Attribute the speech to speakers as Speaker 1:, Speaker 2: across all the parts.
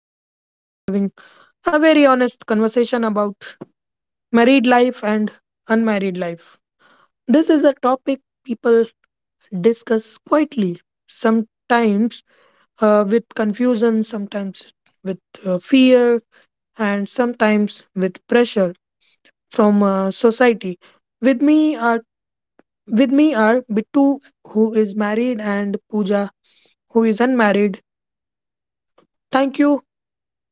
Speaker 1: and today we are having a very honest conversation about married life and unmarried life. This is a topic people discuss quietly, sometimes with confusion, sometimes with fear, and sometimes with pressure from society. With me are with me are Bittu, who is married, and Pooja, who is unmarried. Thank you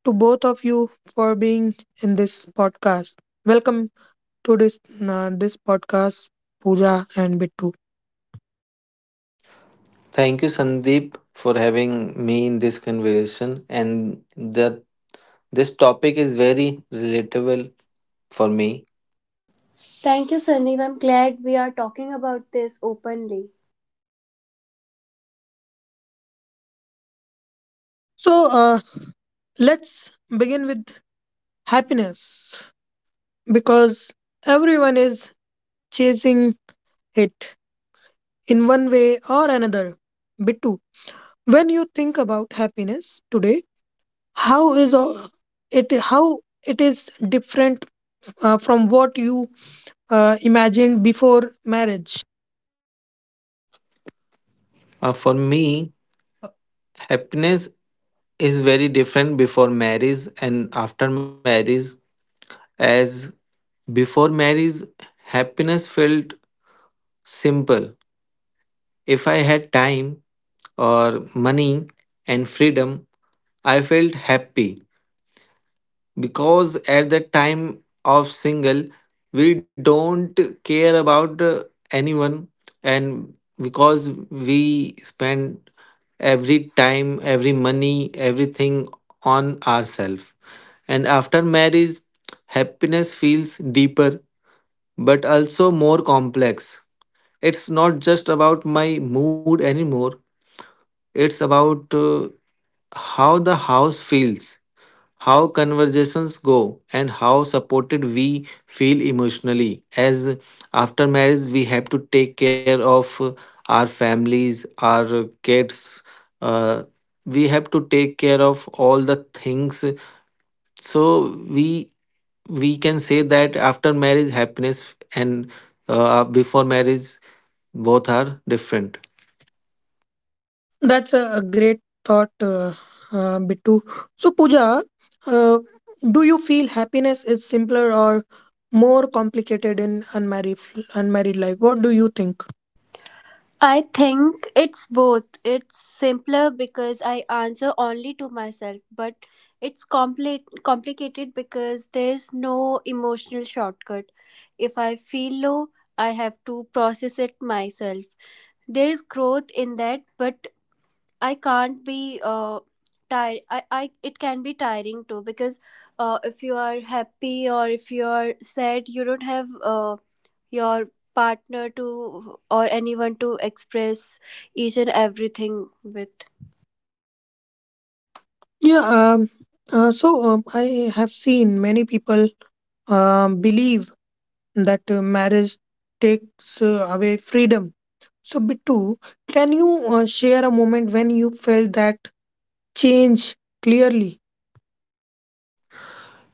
Speaker 1: to both of you for being in this podcast. Welcome to this this podcast, Pooja and Bittu.
Speaker 2: Thank you, Sandeep, for having me in this conversation. And that this topic is very relatable for me.
Speaker 3: Thank you, Sandeep. I'm glad we are talking about this openly.
Speaker 1: So let's begin with happiness because everyone is chasing it in one way or another. Bittu, when you think about happiness today, how is it how it is different from what you imagined before marriage?
Speaker 2: For me, happiness is very different before marriage and after marriage. As before marriage, happiness felt simple. If I had time or money and freedom, I felt happy. Because at the time of single we don't care about anyone, and because we spend every time every money everything on ourselves. And after marriage happiness feels deeper but also more complex. It's not just about my mood anymore. It's about how the house feels, how conversations go, and how supported we feel emotionally. As after marriage we have to take care of our families, our kids, uh, we have to take care of all the things. So we can say that after marriage happiness and before marriage both are different.
Speaker 1: That's a great thought, Bittu. So, Pooja, uh, do you feel happiness is simpler or more complicated in unmarried life? What do you think?
Speaker 3: I think it's both. It's simpler because I answer only to myself, but it's complicated because there's no emotional shortcut. If I feel low, I have to process it myself. There is growth in that, but I can't be tired. I it can be tiring too because if you are happy or if you are sad, you don't have your partner to or anyone to express each and everything with.
Speaker 1: Yeah. I have seen many people believe that marriage takes away freedom. So, Bittu, can you share a moment when you felt that change clearly?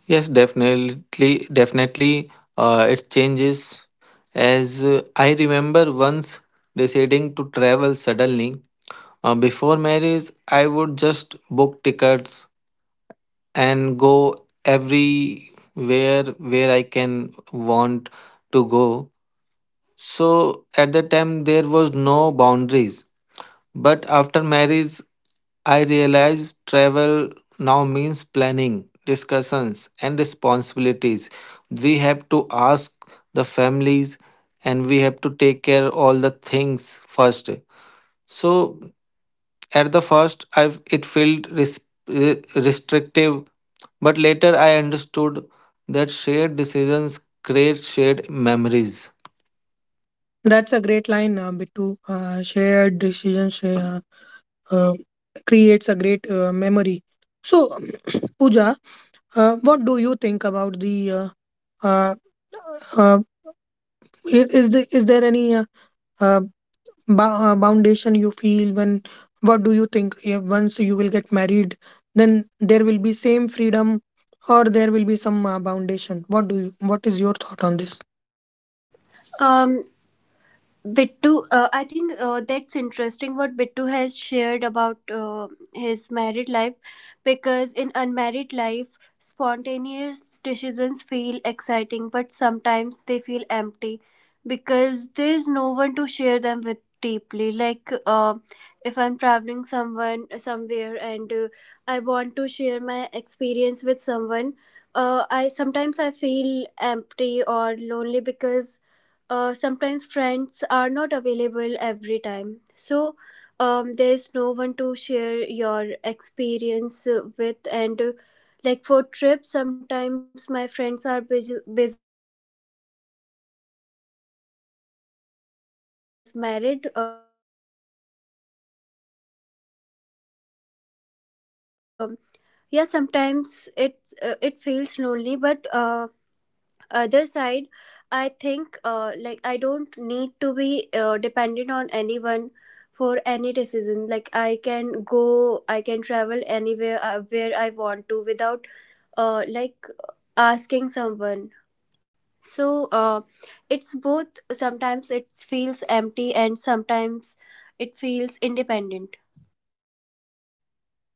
Speaker 2: Yes, definitely, definitely. It changes as I remember once deciding to travel suddenly. Before marriage, I would just book tickets and go everywhere where I can want to go. So at that time, there was no boundaries. But after marriage, I realized travel now means planning, discussions, and responsibilities. We have to ask the families and we have to take care all the things first. So at the first, I it felt restrictive, but later I understood that shared decisions create shared memories.
Speaker 1: That's a great line, Bittu. Shared decisions uh, creates a great memory. So, Pooja, what do you think about uh, uh, the? Is there any uh, foundation you feel when? What do you think? Yeah, once you will get married, then there will be same freedom, or there will be some foundation. What do you? What is your thought on this?
Speaker 3: Um, Bittu, I think that's interesting what Bittu has shared about his married life because in unmarried life, spontaneous decisions feel exciting, but sometimes they feel empty because there's no one to share them with deeply. Like if I'm traveling someone somewhere and I want to share my experience with someone, I sometimes I feel empty or lonely because sometimes friends are not available every time. So there's no one to share your experience with. And like for trips sometimes my friends are busy, and my family is busy. I think if I was married, I have someone with whom I can travel anytime anywhere. So yeah, sometimes it it feels lonely, but other side I think like I don't need to be dependent on anyone for any decision. Like I can go, I can travel anywhere where I want to without like asking someone. So it's both. Sometimes it feels empty and sometimes it feels independent.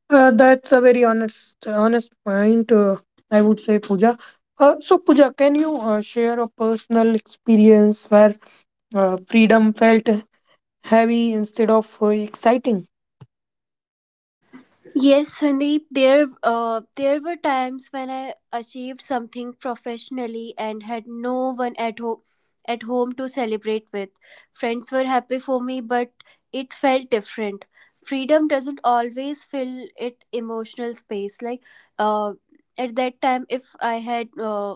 Speaker 1: That's a very honest point, I would say, Pooja. So, Pooja, can you share a personal experience where freedom felt heavy instead of exciting?
Speaker 3: Yes, Sandeep, there there were times when I achieved something professionally and had no one at home to celebrate with. Friends were happy for me, but it felt different. Freedom doesn't always fill it emotional space. Like uh, at that time, if I had uh,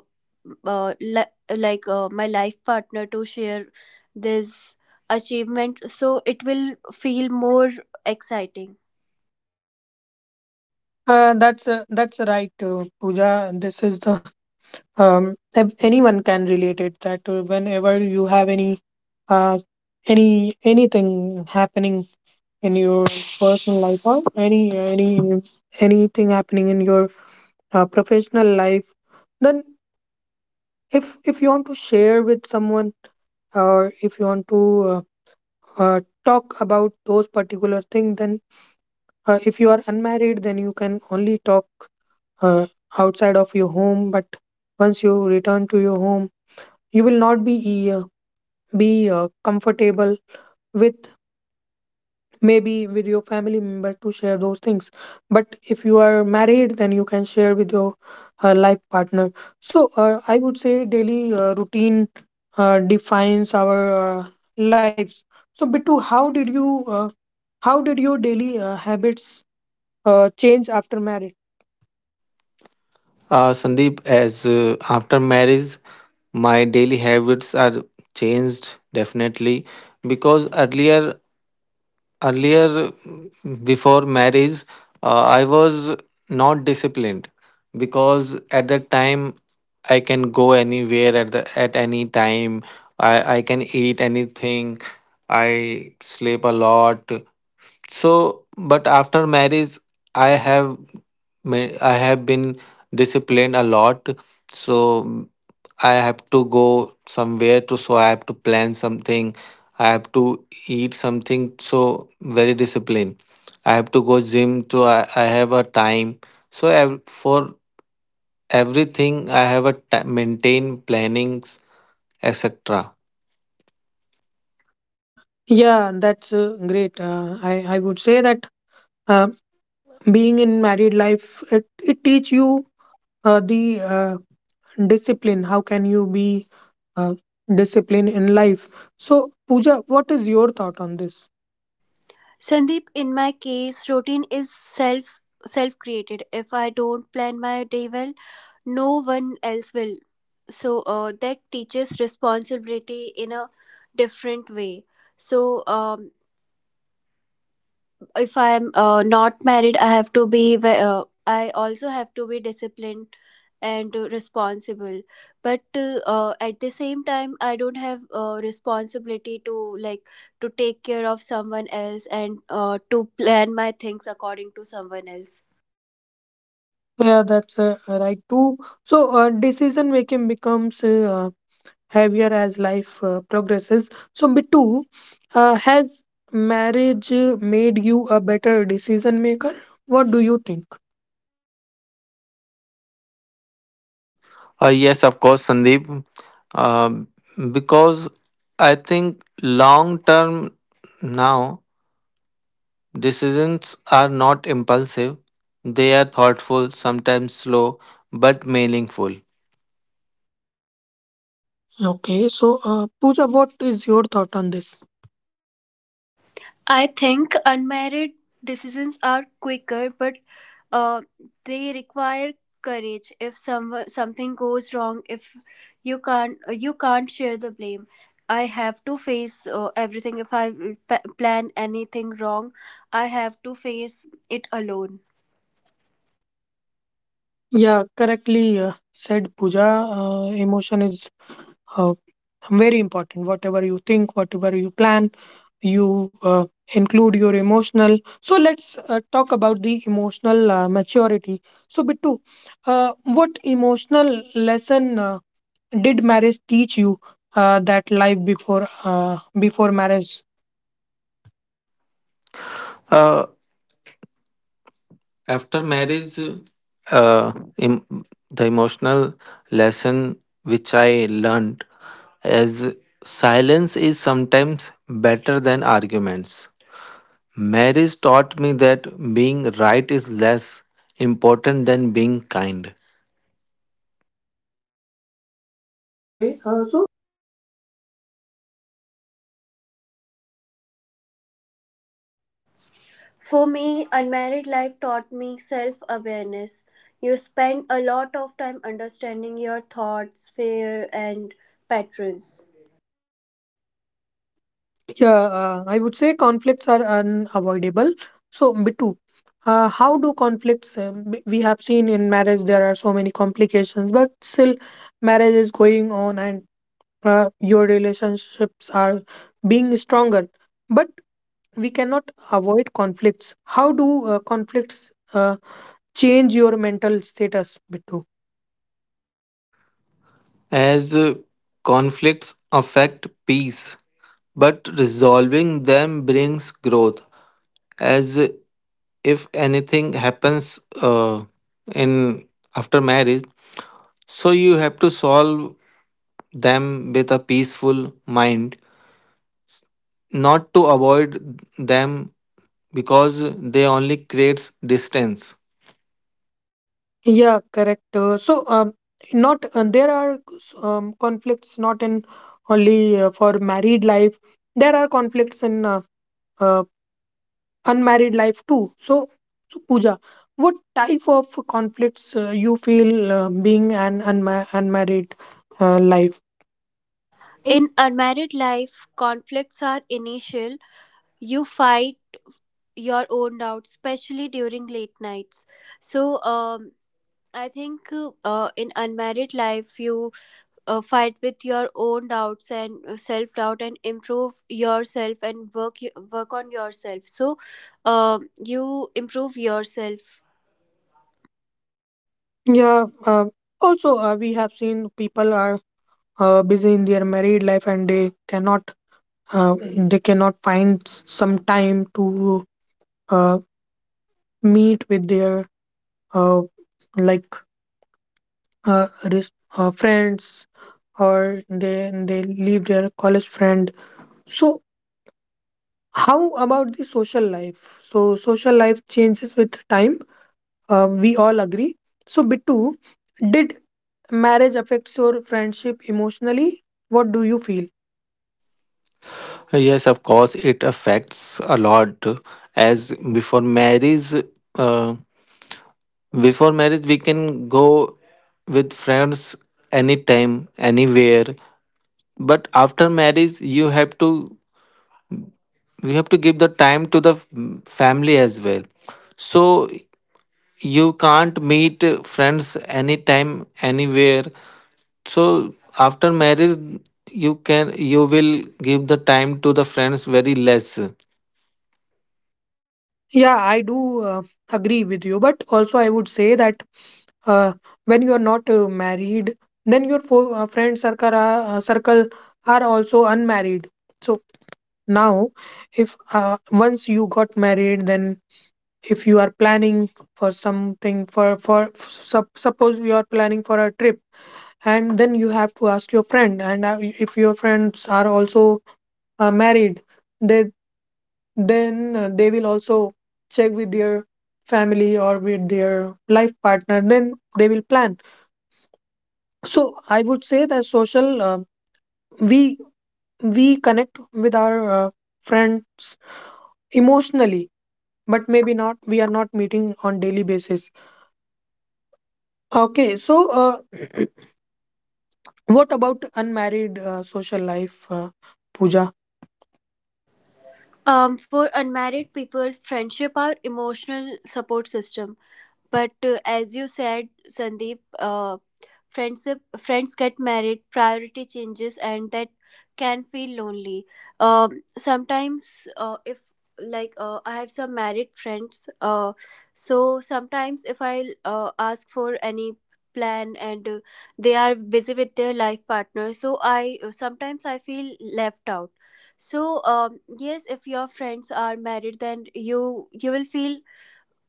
Speaker 3: uh, li- like my life partner to share this achievement, so it will feel more exciting.
Speaker 1: That's right, Pooja. This is the anyone can relate it that whenever you have uh, anything happening in your personal life or anything happening in your professional life then if you want to share with someone or if you want to uh, talk about those particular thing then if you are unmarried then you can only talk uh, outside of your home but once you return to your home you will not be comfortable with maybe with your family member to share those things but if you are married then you can share with your life partner. So I would say daily routine defines our lives. So, Bittu, how did you how did your daily habits change after marriage?
Speaker 2: Sandeep, as after marriage, my daily habits are changed definitely because earlier before marriage, I was not disciplined because at that time I can go anywhere at the at any time. I can eat anything. I sleep a lot. So but after marriage i have I have been disciplined a lot. So I have to go somewhere, to so I have to plan something, I have to eat something, so very disciplined. I have to go gym. I have a time. So for everything I have a maintain plannings, etc.
Speaker 1: Yeah, that's great. I would say that uh, being in married life it teach you the uh, discipline. How can you be uh, disciplined in life? So, Pooja, what is your thought on this?
Speaker 3: Sandeep, in my case, routine is self created. If I don't plan my day well, no one else will. So that teaches responsibility in a different way. So if I'm not married, I have to be. I also have to be disciplined and responsible, but at the same time I don't have responsibility to like to take care of someone else and to plan my things according to someone else.
Speaker 1: Yeah, that's right too. So, decision making becomes heavier as life progresses. So, Bittu, has marriage made you a better decision maker? What do you think?
Speaker 2: Yes, of course, Sandeep. Um because I think long term now decisions are not impulsive, they are thoughtful, sometimes slow, but meaningful.
Speaker 1: Okay, so Pooja, what is your thought on this?
Speaker 3: I think unmarried decisions are quicker, but uh, they require courage. If something goes wrong, if you can't share the blame. I have to face everything. If I plan anything wrong, I have to face it alone.
Speaker 1: Yeah, correctly said Pooja. Emotion is uh, very important. Whatever you think, whatever you plan, you include your emotional. So let's talk about the emotional maturity. So, Bittu, what emotional lesson did marriage teach you that life before marriage?
Speaker 2: Uh, after marriage, uh, em- the emotional lesson which I learned is silence is sometimes better than arguments. Marriage taught me that being right is less important than being kind,
Speaker 1: Okay. So, Pooja, what is your thought on this, like emotional maturity?
Speaker 3: For me, unmarried life taught me self awareness. You spend a lot of time understanding your thoughts, fear, and patterns.
Speaker 1: Yeah, I would say conflicts are unavoidable. So, Bittu, how do conflicts? We have seen in marriage there are so many complications, but still, marriage is going on, and your relationships are being stronger. But we cannot avoid conflicts. How do conflicts change your mental status, Bittu?
Speaker 2: as conflicts affect peace, but resolving them brings growth. As if anything happens in after marriage, so you have to solve them with a peaceful mind, not to avoid them because they only creates distance.
Speaker 1: Yeah, correct. So, not there are conflicts not in only for married life. There are conflicts in uh, unmarried life too. So, so Pooja, what type of conflicts you feel being an unmarried life?
Speaker 3: In unmarried life, conflicts are initial. You fight your own doubts, especially during late nights. So, I think in unmarried life, you fight with your own doubts and self doubt, and improve yourself and work on yourself. So, you improve yourself.
Speaker 1: Yeah. Also, we have seen people are busy in their married life and uh, they cannot find some time to uh, meet with their uh, like friends or they leave their college friend. So how about the social life? So social life changes with time, we all agree. So bitu did marriage affects your friendship emotionally? What do you feel?
Speaker 2: Yes, of course, it affects a lot. As before marriage, uh, before marriage, we can go with friends anytime, anywhere. But after marriage, you have to give the time to the family as well. So you can't meet friends anytime, anywhere. So after marriage, you will give the time to the friends very less.
Speaker 1: Yeah, I do agree with you, but also I would say that uh, when you are not married, then your friend circle are also unmarried. So now, if once you got married, then if you are planning for something for suppose you are planning for a trip, and then you have to ask your friend, and if your friends are also married, they then they will also check with their family or with their life partner then they will plan. So I would say that social, we we connect with our friends emotionally but maybe not, we are not meeting on daily basis. Okay, so what about unmarried social life, puja
Speaker 3: For unmarried people, friendship are emotional support system. But as you said, Sandeep, friendship friends get married, priority changes and that can feel lonely. um, sometimes if like I have some married friends. So sometimes if I ask for any plan and they are busy with their life partner, so I sometimes I feel left out. So yes, if your friends are married then you will feel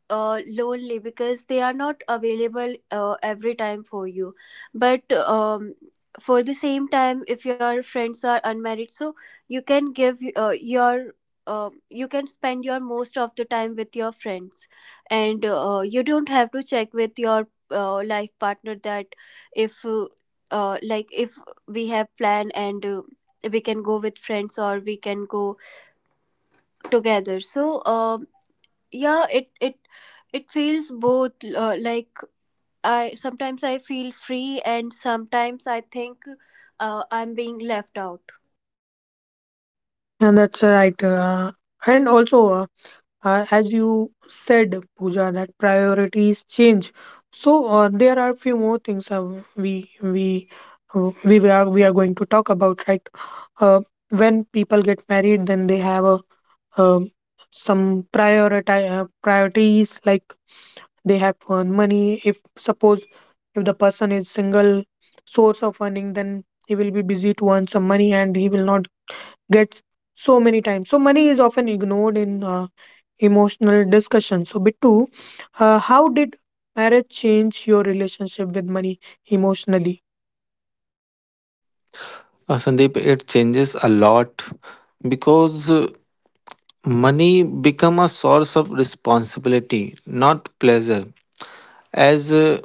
Speaker 3: lonely because they are not available every time for you. But for the same time if your friends are unmarried, so you can give you can spend your most of the time with your friends. And you don't have to check with your life partner that if like if we have plan and we can go with friends or we can go together. So yeah, it feels both. Like I sometimes I feel free and sometimes I think I'm being left out.
Speaker 1: and that's right, and also uh, as you said, Pooja, that priorities change. So there are a few more things we we we are going to talk about, right? Uh, when people get married, then they have a um some priority priorities like they have to earn money. If suppose if the person is single source of earning, then he will be busy to earn some money and he will not get so many times. So money is often ignored in emotional discussion. So, Bittu, how did marriage change your relationship with money emotionally?
Speaker 2: Sandeep, it changes a lot because money become a source of responsibility, not pleasure. As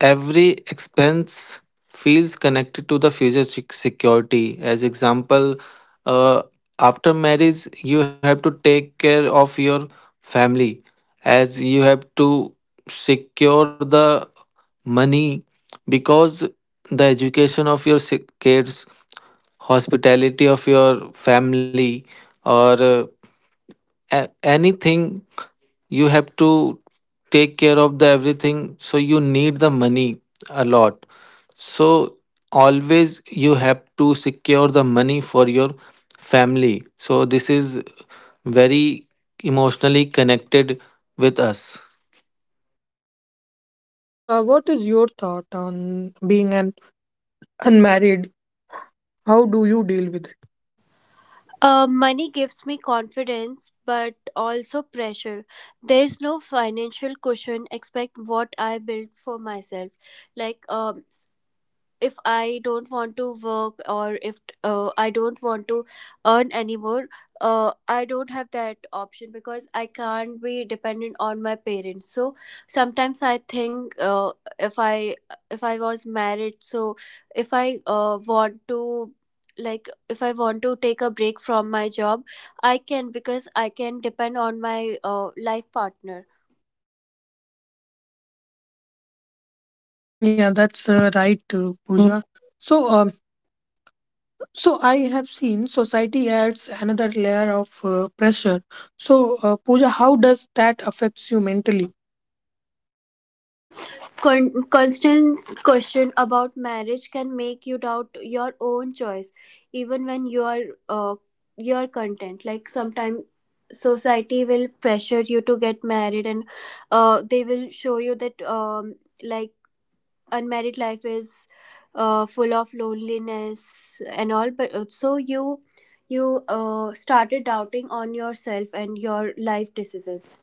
Speaker 2: every expense feels connected to the future security. As example uh, after marriage you have to take care of your family, as you have to secure the money because the education of your kids, hospitality of your family, or anything, you have to take care of the everything. So you need the money a lot. So always you have to secure the money for your family. So this is very emotionally connected with us.
Speaker 1: Pooja, what is your thought on being an unmarried? How do you deal with it?
Speaker 3: Money gives me confidence but also pressure. There's no financial cushion except what I build for myself. Like if I don't want to work or if I don't want to earn anymore, I don't have that option because I can't be dependent on my parents. So sometimes I think if I, if I was married, so if I want to like if I want to take a break from my job, I can because I can depend on my life partner.
Speaker 1: Yeah, that's right, Pooja. So, so I have seen society adds another layer of pressure. So, Pooja, how does that affects you mentally?
Speaker 3: Constant question about marriage can make you doubt your own choice even when you are uh, your content. Like sometimes society will pressure you to get married and they will show you that like unmarried life is full of loneliness and all. But so you started doubting on yourself and your life decisions.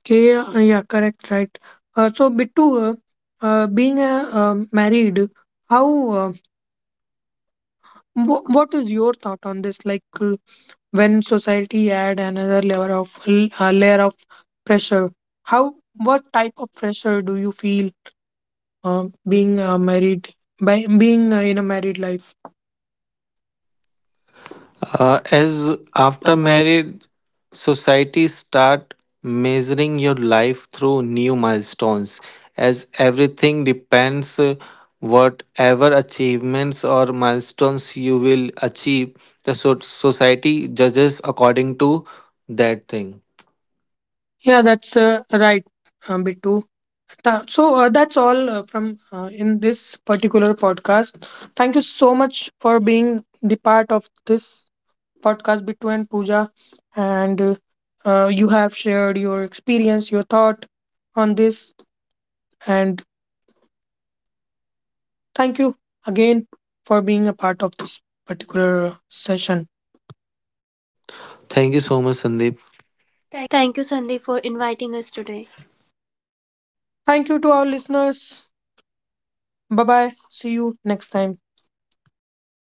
Speaker 1: Okay, yeah, yeah, correct, right. So, Bittu, being a married, how what is your thought on this? When society add another layer of uh, layer of pressure, how what type of pressure do you feel being married by being in a married life? As
Speaker 2: As
Speaker 1: after
Speaker 2: after
Speaker 1: marriage,
Speaker 2: marriage, society start measuring your life through new milestones, as everything depends whatever achievements or milestones you will achieve. The society judges according to that thing.
Speaker 1: yeah, that's right, Bittu. So that's all from in this particular podcast. Thank you so much for being the part of this podcast, Bittu and Pooja. And you have shared your experience, your thought on this. And thank you again for being a part of this particular session.
Speaker 2: Thank you so much, Sandeep.
Speaker 3: Thank you, Sandeep, for inviting us today.
Speaker 1: Thank you to our listeners. Bye bye. See you next time.